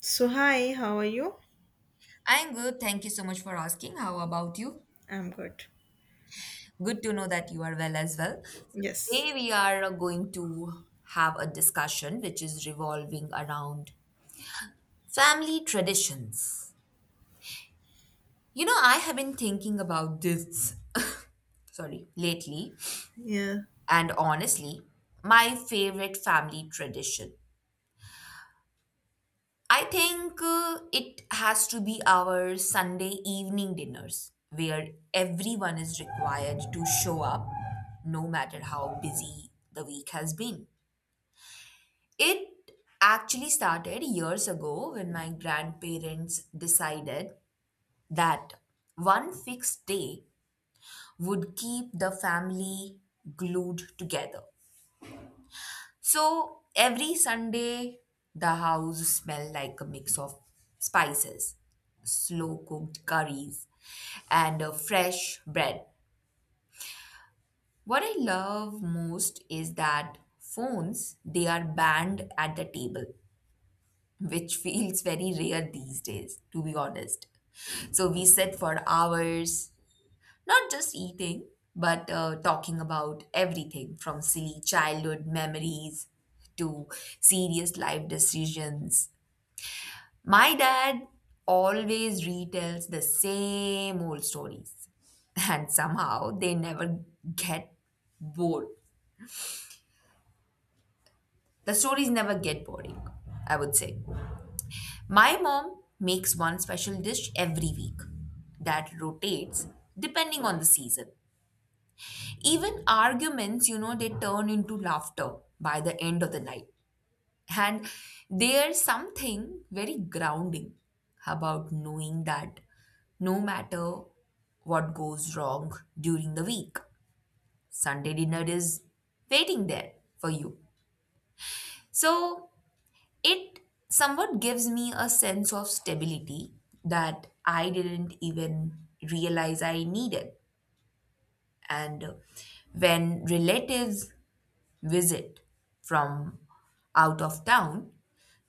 So hi, how are you? I'm good. Thank you so much for asking. How about you? I'm good. Good to know that you are well as well. So Yes. today we are going to have a discussion which is revolving around family traditions. You know, I have been thinking about this, sorry, lately, Yeah. and honestly, my favorite family tradition I think it has to be our Sunday evening dinners where everyone is required to show up no matter how busy the week has been. It actually started years ago when my grandparents decided that one fixed day would keep the family glued together. So every Sunday, the house smelled like a mix of spices, slow cooked curries, and fresh bread. What I love most is that phones they are banned at the table, which feels very rare these days, to be honest. So we sit for hours, not just eating, but talking about everything from silly childhood memories to serious life decisions. My dad always retells the same old stories, and somehow they never get bored. The stories never get boring, I would say. My mom makes one special dish every week that rotates depending on the season. Even arguments, you know, they turn into laughter by the end of the night, and there's something very grounding about knowing that no matter what goes wrong during the week, Sunday dinner is waiting there for you. So it somewhat gives me a sense of stability that I didn't even realize I needed. And when relatives visit from out of town,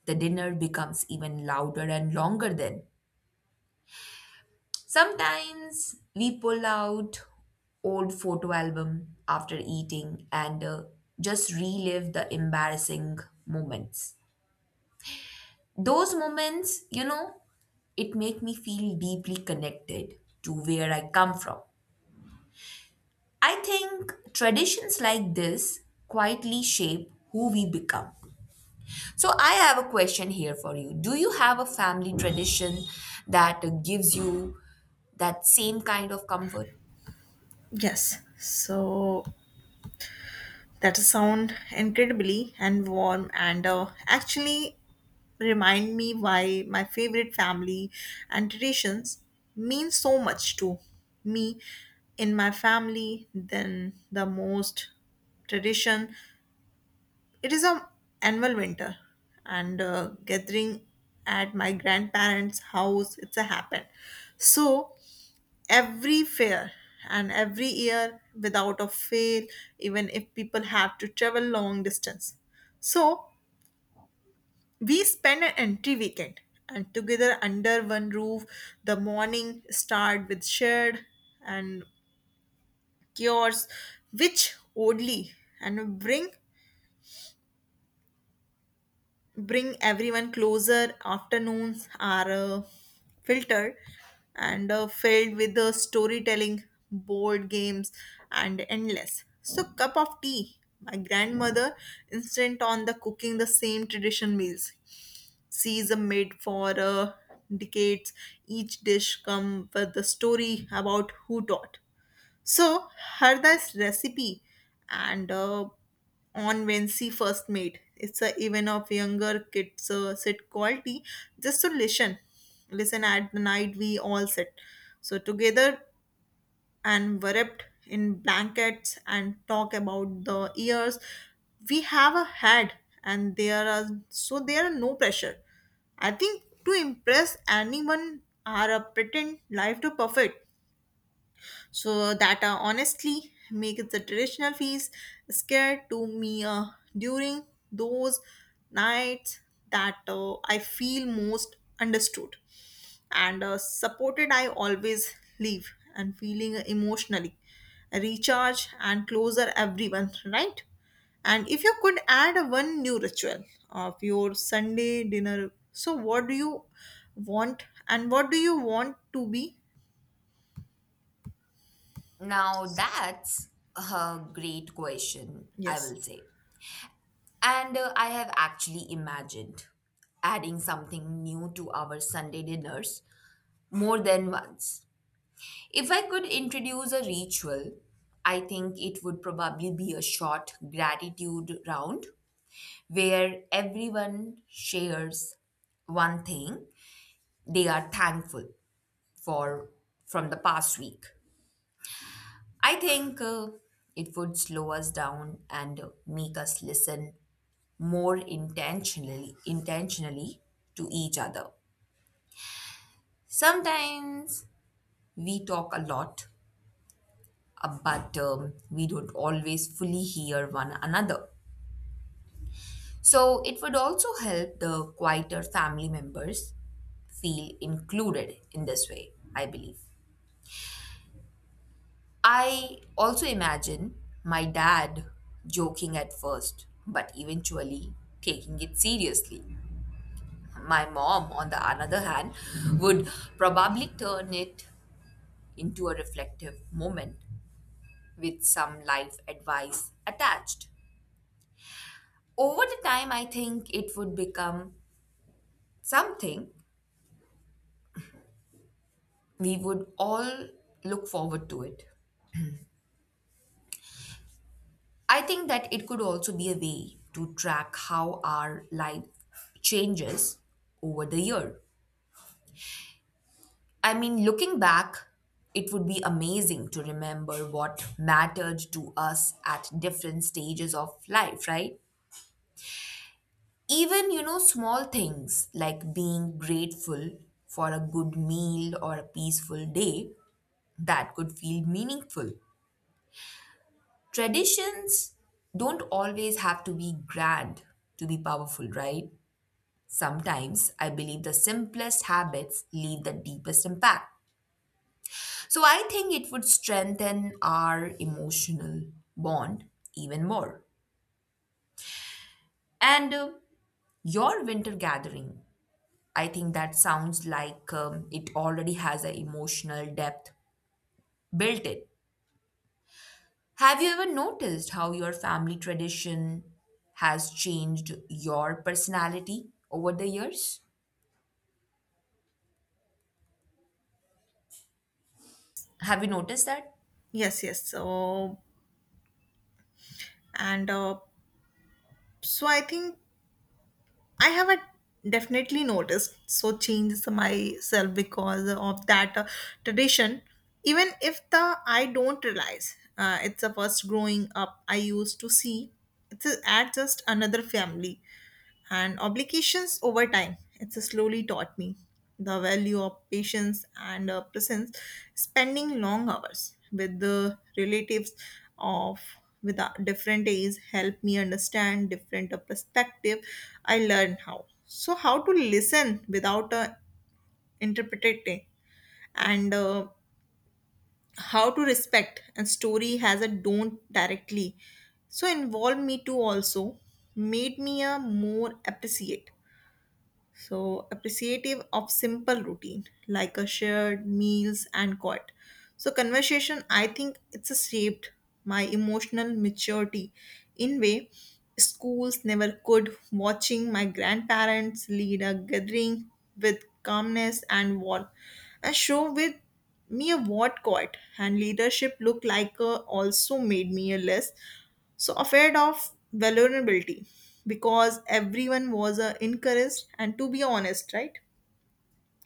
the dinner becomes even louder and longer then. Sometimes we pull out old photo album after eating and just relive the embarrassing moments. Those moments, you know, it make me feel deeply connected to where I come from. I think traditions like this quietly shape who we become. So I have a question here for you. Do you have a family tradition that gives you that same kind of comfort? Yes. So that sound incredibly and warm and actually remind me why my favorite family and traditions mean so much to me in my family. Then the most tradition. It is a annual winter and gathering at my grandparents' house. It's a happen. So every fair and every year without a fail, even if people have to travel long distance, so we spend an entry weekend and together under one roof. The morning start with shared and cures, which oddly and bring everyone closer. Afternoons are filtered and filled with the storytelling, board games, and endless. So, cup of tea. My grandmother, instant on the cooking the same tradition meals. Sees a made for decades. Each dish come with the story about who taught. So Harda's recipe and on when she first made it's a even of younger kids sit quality just to listen at the night. We all sit so together and wrapped in blankets and talk about the years we have a had, and there are no pressure, I think, to impress anyone are a pretend life to perfect. So that, honestly, makes the traditional fees scared to me during those nights that I feel most understood and supported. I always leave and feeling emotionally recharge and closer everyone, right? And if you could add a one new ritual of your Sunday dinner, so what do you want and what do you want to be? Now that's a great question, I Yes. will say. And I have actually imagined adding something new to our Sunday dinners more than once. If I could introduce a ritual, I think it would probably be a short gratitude round where everyone shares one thing they are thankful for from the past week. I think it would slow us down and make us listen more intentionally intentionally to each other. Sometimes we talk a lot, but we don't always fully hear one another. So it would also help the quieter family members feel included in this way, I believe. I also imagine my dad joking at first, but eventually taking it seriously. My mom, on the other hand, would probably turn it into a reflective moment with some life advice attached. Over the time, I think it would become something we would all look forward to it. I think that it could also be a way to track how our life changes over the year. I mean, looking back, it would be amazing to remember what mattered to us at different stages of life, right? Even, you know, small things like being grateful for a good meal or a peaceful day that could feel meaningful. Traditions don't always have to be grand to be powerful, right? Sometimes I believe the simplest habits leave the deepest impact. So I think it would strengthen our emotional bond even more. And your winter gathering, I think that sounds like it already has an emotional depth built in. Have you ever noticed how your family tradition has changed your personality over the years? Have you noticed that? Yes, yes. So and so I think I have a definitely noticed so changes myself because of that tradition, even if the I don't realize it's a first. Growing up, I used to see it's a, at just another family and obligations. Over time, it's slowly taught me the value of patience and presence. Spending long hours with the relatives of with different age help me understand different perspective. I learned how to listen without interpreting, and how to respect and story has a don't directly so involve me. Too also made me a more appreciative of simple routine like a shared meals and quiet. So, conversation, I think it's a shaped my emotional maturity in way schools never could. Watching my grandparents lead a gathering with calmness and warmth, and show with me a what quiet and leadership look like, also made me a less so afraid of vulnerability, because everyone was encouraged and to be honest, right?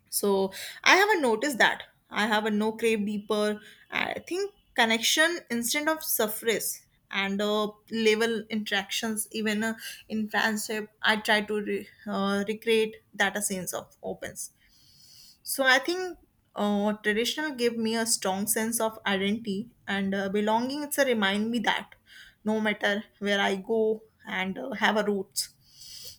So I haven't noticed that I have a no crave deeper, I think, connection instead of surface and level interactions. Even in friendship, I try to recreate that a sense of opens. So I think traditional gave me a strong sense of identity and belonging. It's a remind me that no matter where I go and have a roots.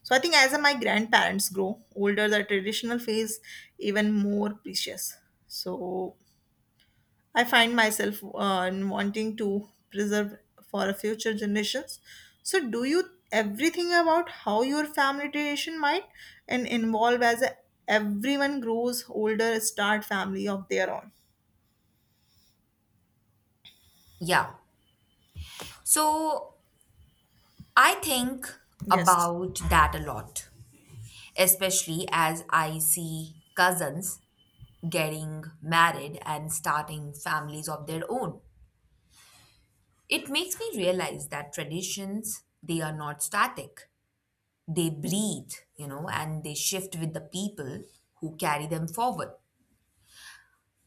So I think as my grandparents grow older, the traditional phase even more precious. So I find myself wanting to preserve for a future generations. So, do you everything about how your family tradition might and involve as a, everyone grows older, start family of their own? Yeah. So I think Yes, about that a lot, especially as I see cousins getting married and starting families of their own. It makes me realize that traditions, they are not static. They breathe, you know, and they shift with the people who carry them forward.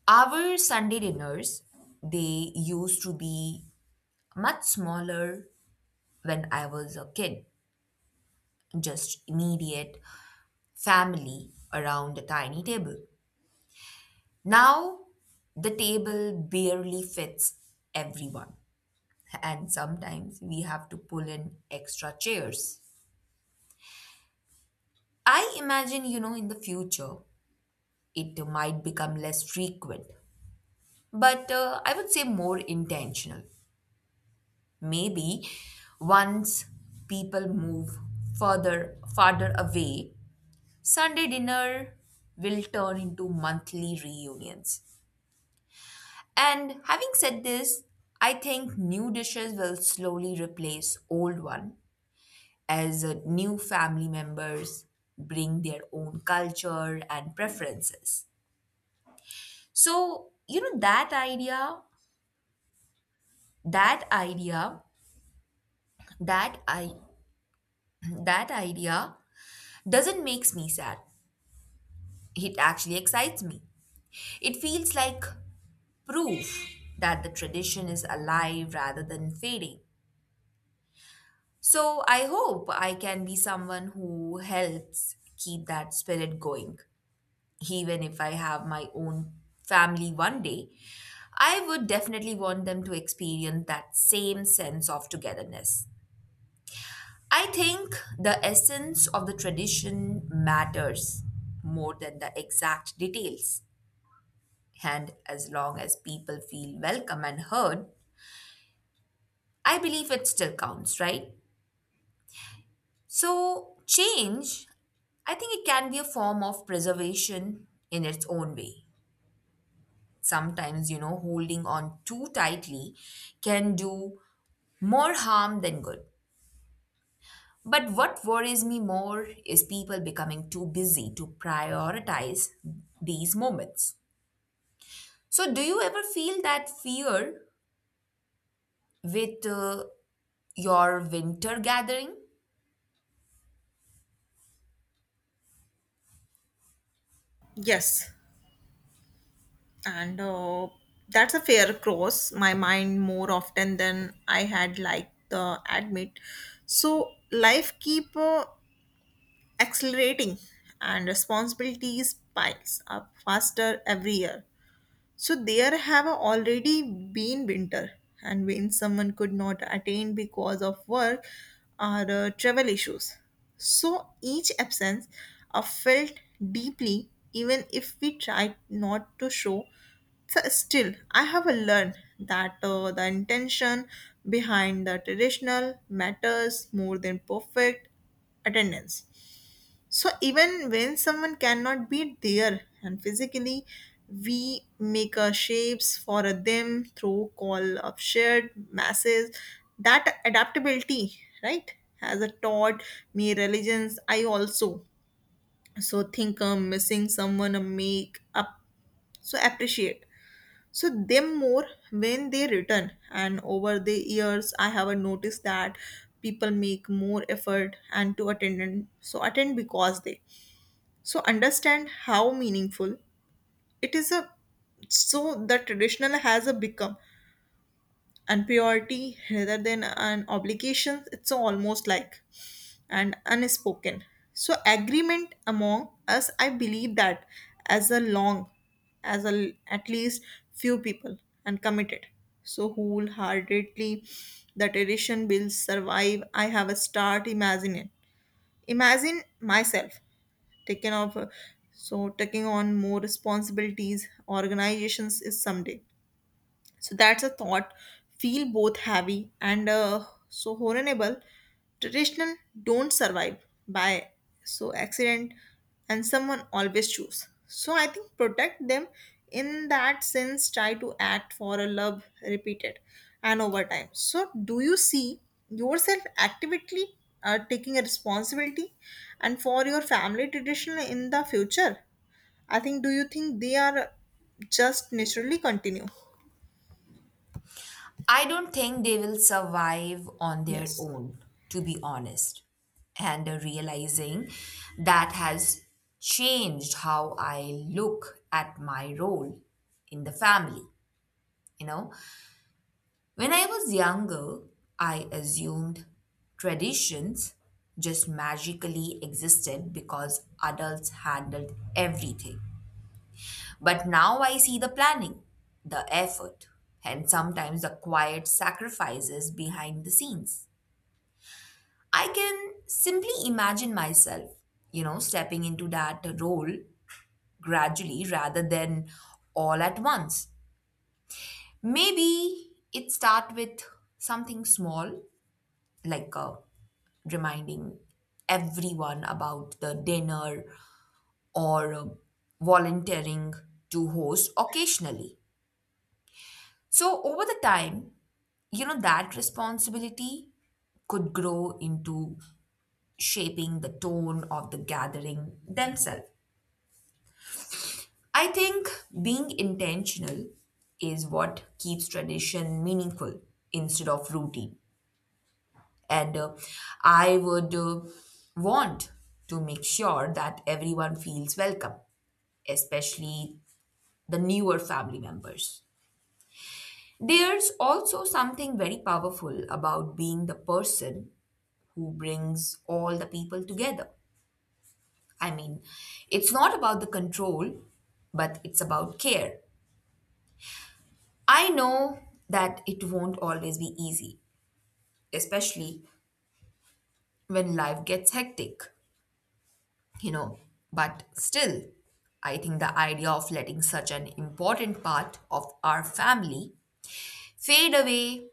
Our Sunday dinners, they used to be much smaller when I was a kid, just immediate family around a tiny table. Now, the table barely fits everyone, and sometimes we have to pull in extra chairs. I imagine, you know, in the future, it might become less frequent, but I would say more intentional. Maybe once people move further farther away, Sunday dinner will turn into monthly reunions. And having said this, I think new dishes will slowly replace old one as new family members bring their own culture and preferences. So, you know, that idea, that idea, that I that idea doesn't makes me sad. It actually excites me. It feels like proof that the tradition is alive rather than fading. So I hope I can be someone who helps keep that spirit going. Even if I have my own family one day, I would definitely want them to experience that same sense of togetherness. I think the essence of the tradition matters more than the exact details. And as long as people feel welcome and heard, I believe it still counts, right? So, change, I think it can be a form of preservation in its own way. Sometimes, you know, holding on too tightly can do more harm than good. But what worries me more is people becoming too busy to prioritize these moments. So, do you ever feel that fear with your winter gathering? yes, and that's a fair cross my mind more often than I had like the admit. So, life keep accelerating and responsibilities piles up faster every year. So there have already been winter, and when someone could not attend because of work or travel issues. So each absence are felt deeply, even if we tried not to show. So still, I have learned that the intention behind the traditional matters more than perfect attendance. So even when someone cannot be there and physically, we make shapes for a them through call of shared masses. That adaptability, right, has a taught me religions. I also so think I'm missing someone, a make up, so appreciate. So them more when they return, and over the years, I have noticed that people make more effort and to attend. So attend because they so understand how meaningful it is a. So the traditional has a become and priority rather than an obligation. It's almost like an unspoken so agreement among us. I believe that as a long as a at least few people and committed so wholeheartedly, the tradition will survive. I have a start imagine myself taken off so taking on more responsibilities organizations is someday. So that's a thought feel both heavy and so horrible. Traditional don't survive by so accident, and someone always choose. So I think protect them in that sense, try to act for a love repeated and over time. So do you see yourself actively taking a responsibility and for your family tradition in the future? I think, do you think they are just naturally continue? I don't think they will survive on their Yes. own, to be honest. And realizing that has changed how I look at my role in the family. You know, when I was younger, I assumed traditions just magically existed because adults handled everything. But now I see the planning, the effort, and sometimes the quiet sacrifices behind the scenes. I can simply imagine myself, you know, stepping into that role gradually rather than all at once. Maybe it start with something small, like reminding everyone about the dinner or volunteering to host occasionally. So, over the time, you know, that responsibility could grow into shaping the tone of the gathering themselves. I think being intentional is what keeps tradition meaningful instead of routine. And I would want to make sure that everyone feels welcome, especially the newer family members. There's also something very powerful about being the person who brings all the people together. I mean, it's not about the control, but it's about care. I know that it won't always be easy, especially when life gets hectic, you know, but still, I think the idea of letting such an important part of our family fade away,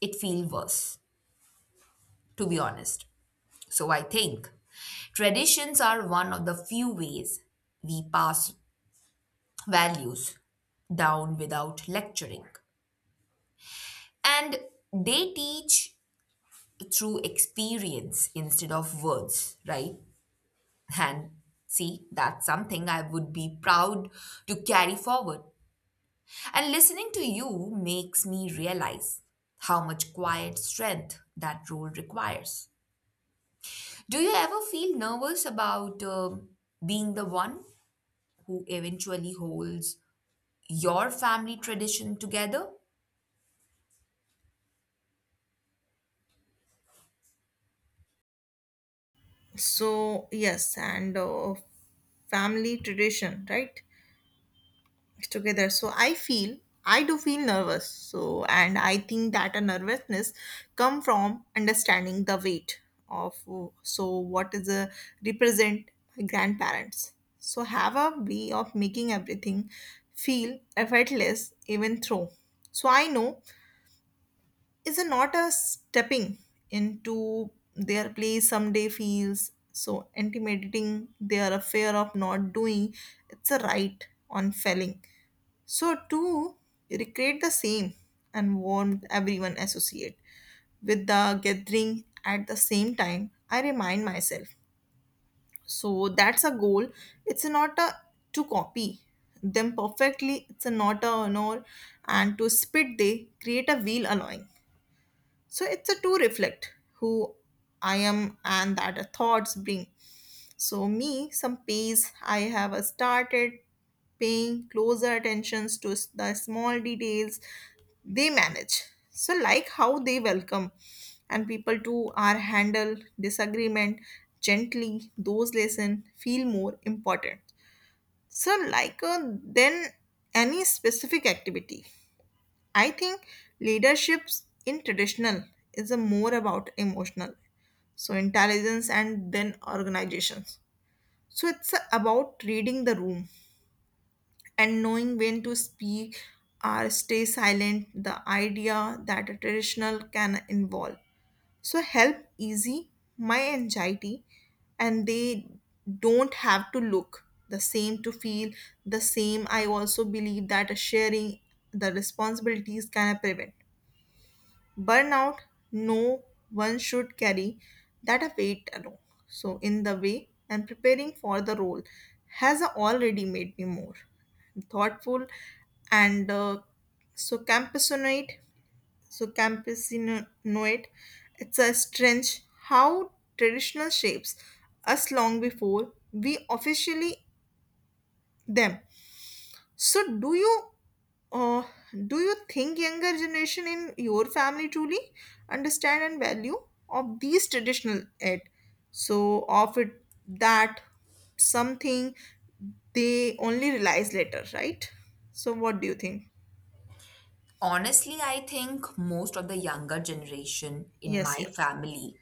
it feels worse, to be honest. So I think traditions are one of the few ways we pass values down without lecturing. And they teach through experience instead of words, right? And see, that's something I would be proud to carry forward. And listening to you makes me realize how much quiet strength that role requires. Do you ever feel nervous about being the one who eventually holds your family tradition together? So yes, and family tradition, right, together, so I do feel nervous, so and I think that a nervousness come from understanding the weight of so what is a represent. Grandparents so have a way of making everything feel effortless even through. So I know is a not a stepping into their place someday feels so intimidating. They are a fear of not doing it's a right on failing so to recreate the same and warmth everyone associate with the gathering. At the same time, I remind myself so that's a goal. It's not a to copy them perfectly. It's a not a nor, and to spit they create a wheel allowing so it's a to reflect who I am, and that the thoughts bring. So me some pace, I have started paying closer attentions to the small details they manage. So like how they welcome and people too are handle disagreement gently, those lesson feel more important. So like then any specific activity, I think leaderships in traditional is a more about emotional, so intelligence and then organizations. So it's about reading the room and knowing when to speak or stay silent. The idea that a traditional can involve so help easy my anxiety, and they don't have to look the same to feel the same. I also believe that sharing the responsibilities can prevent burnout. No one should carry that a weight alone. So in the way and preparing for the role has already made me more thoughtful and so campesinoid so campesinoid. It's a strange how traditional shapes us long before we officially them. So uh, do you think younger generation in your family truly understand and value of these traditional ed? So of it that something they only realize later, right? So what do you think? Honestly, I think most of the younger generation in my Yes, yes. family,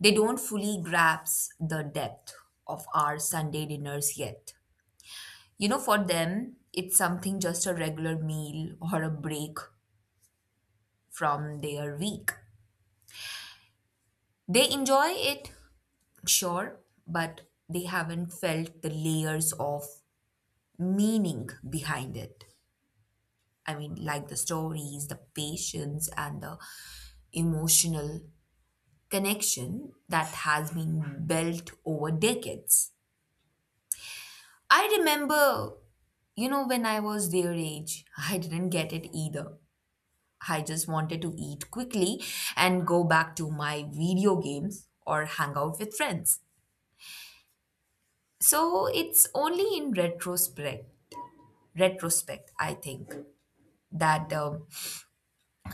they don't fully grasp the depth of our Sunday dinners yet. You know, for them, it's something just a regular meal or a break from their week. They enjoy it, sure, but they haven't felt the layers of meaning behind it. I mean, like the stories, the patience, and the emotional connection that has been built over decades. I remember, you know, when I was their age, I didn't get it either. I just wanted to eat quickly and go back to my video games or hang out with friends. So it's only in retrospect, I think, that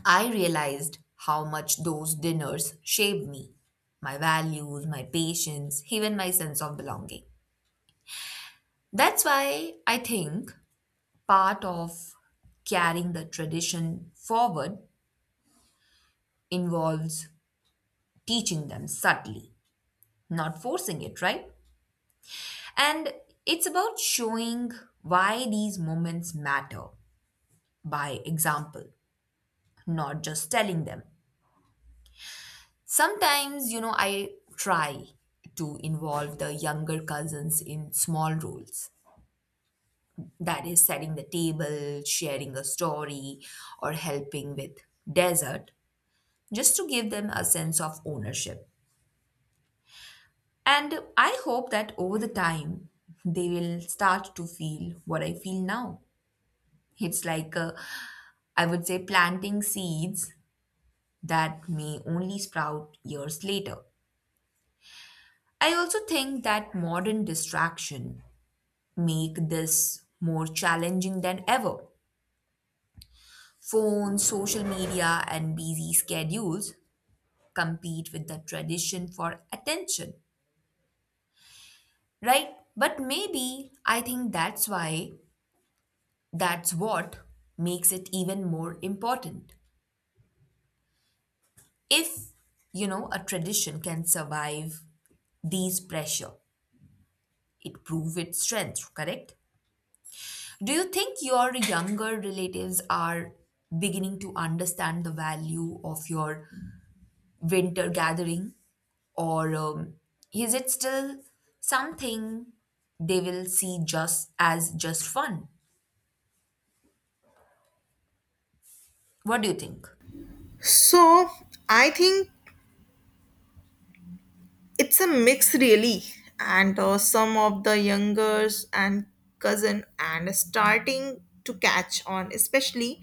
I realized how much those dinners shaped me, my values, my patience, even my sense of belonging. That's why I think part of carrying the tradition forward involves teaching them subtly, not forcing it, right? And it's about showing why these moments matter by example, not just telling them. Sometimes, you know, I try to involve the younger cousins in small roles, that is, setting the table, sharing a story, or helping with dessert just to give them a sense of ownership. And I hope that over the time, they will start to feel what I feel now. It's like, I would say, planting seeds that may only sprout years later. I also think that modern distraction make this more challenging than ever. Phones, social media, and busy schedules compete with the tradition for attention, right? But maybe I think that's what makes it even more important. If, you know, a tradition can survive these pressure, it proves its strength, correct? Do you think your younger relatives are beginning to understand the value of your winter gathering? Or is it still something they will see just as just fun? What do you think? So I think it's a mix, really, and some of the youngers and cousin and starting to catch on, especially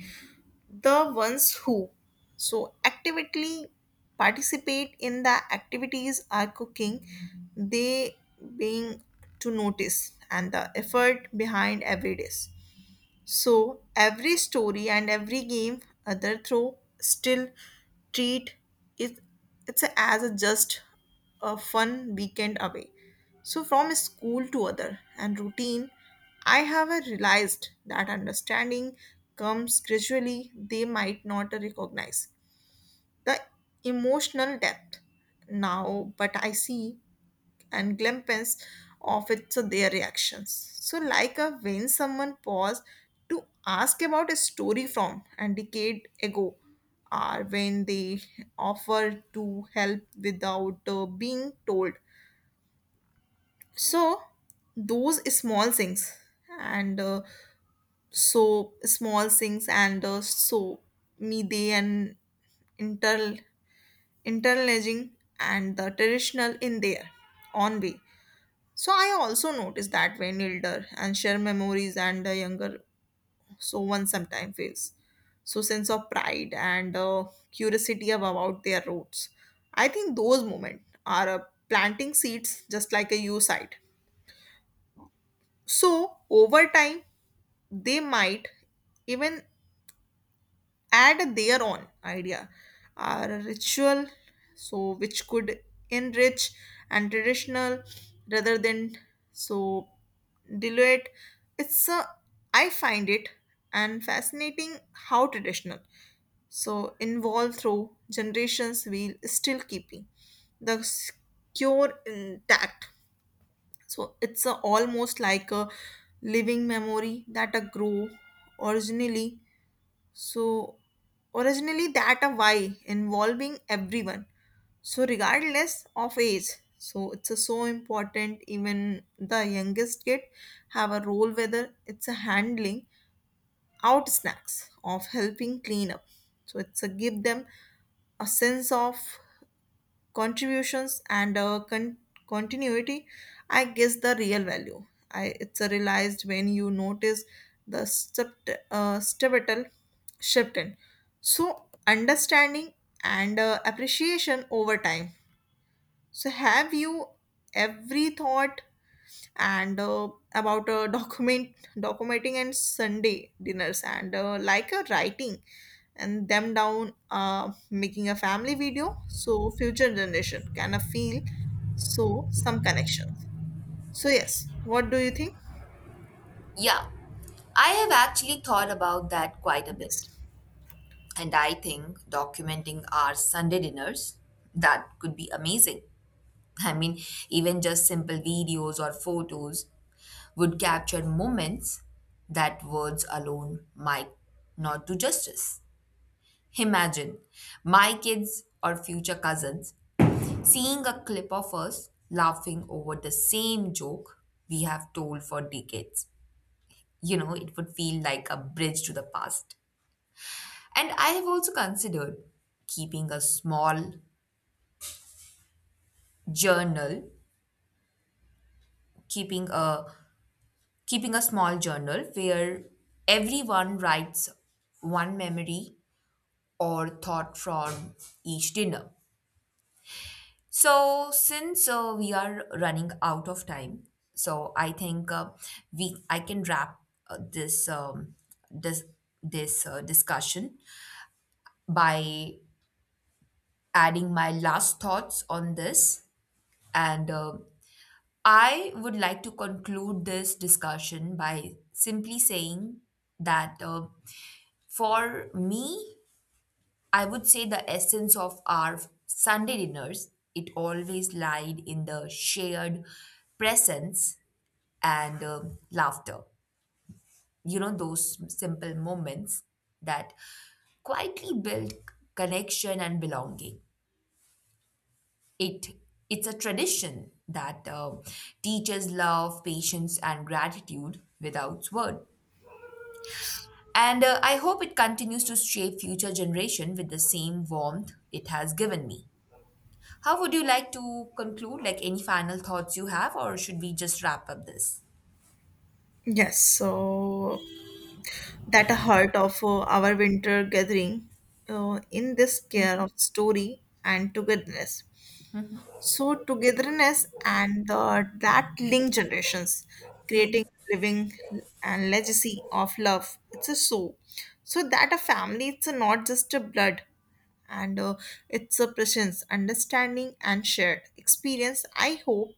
the ones who so actively participate in the activities are cooking. They being to notice and the effort behind every dish, so every story and every game, other throw still treat it as a just a fun weekend away. So from school to other and routine, I have a realized that understanding comes gradually. They might not recognize the emotional depth now, but I see and glimpse of it, so their reactions. So like a when someone paused to ask about a story from a decade ago, or when they offer to help without being told, so those small things and so small things and so me they and inter interlaging and the traditional in their own way. So I also notice that when elder and share memories and the younger, so one sometimes feels so sense of pride and curiosity about their roots. I think those moments are planting seeds just like a U site. So over time, they might even add their own idea or ritual so which could enrich and traditional rather than so dilute it's. I find it and fascinating how traditional so involved through generations while still keeping the cure intact, so it's a, almost like a living memory that a grow originally so originally that a why involving everyone. So regardless of age, so it's a so important. Even the youngest kid have a role, whether it's a handling out snacks of helping clean up. So it's a give them a sense of contributions and continuity. I guess the real value I it's a realized when you notice the pivotal shift in so understanding and appreciation over time. So have you every thought and about documenting and Sunday dinners and like a writing and them down, making a family video so future generation can feel so some connections? So yes, what do you think? Yeah, I have actually thought about that quite a bit. Yes, And I think documenting our Sunday dinners, that could be amazing. I mean, even just simple videos or photos would capture moments that words alone might not do justice. Imagine my kids or future cousins seeing a clip of us laughing over the same joke we have told for decades. You know, it would feel like a bridge to the past. And I have also considered keeping a small journal, keeping a keeping a small journal where everyone writes one memory or thought from each dinner. So since we are running out of time, so I think we I can wrap this this discussion by adding my last thoughts on this, and I would like to conclude this discussion by simply saying that for me, I would say the essence of our Sunday dinners, it always lied in the shared presence and laughter. You know, those simple moments that quietly build connection and belonging. It it's a tradition that teaches love, patience, and gratitude without word. And I hope it continues to shape future generation with the same warmth it has given me. How would you like to conclude? Like any final thoughts you have, or should we just wrap up this? yes. So that a heart of our winter gathering, in this care of story and togetherness. So togetherness and the, that link generations, creating living and legacy of love. It's a so. So that a family, it's a not just a blood and it's a presence, understanding and shared experience. I hope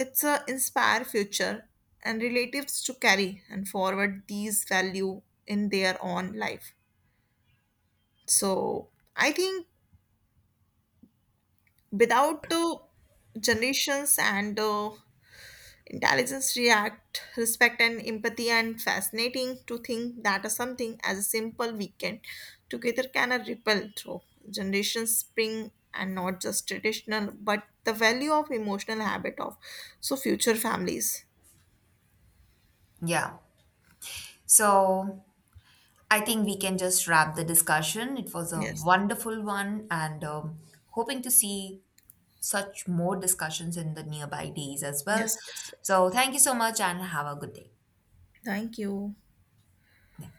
it's a inspire future and relatives to carry and forward these value in their own life. So I think without the generations and intelligence, react, respect, and empathy, and fascinating to think that a something as a simple weekend together can a ripple through generations, spring, and not just traditional, but the value of emotional habit of so future families. Yeah. So I think we can just wrap the discussion. It was a Yes, wonderful one, and hoping to see such more discussions in the nearby days as well. yes, yes, yes. So thank you so much, and have a good day. Thank you. Yeah.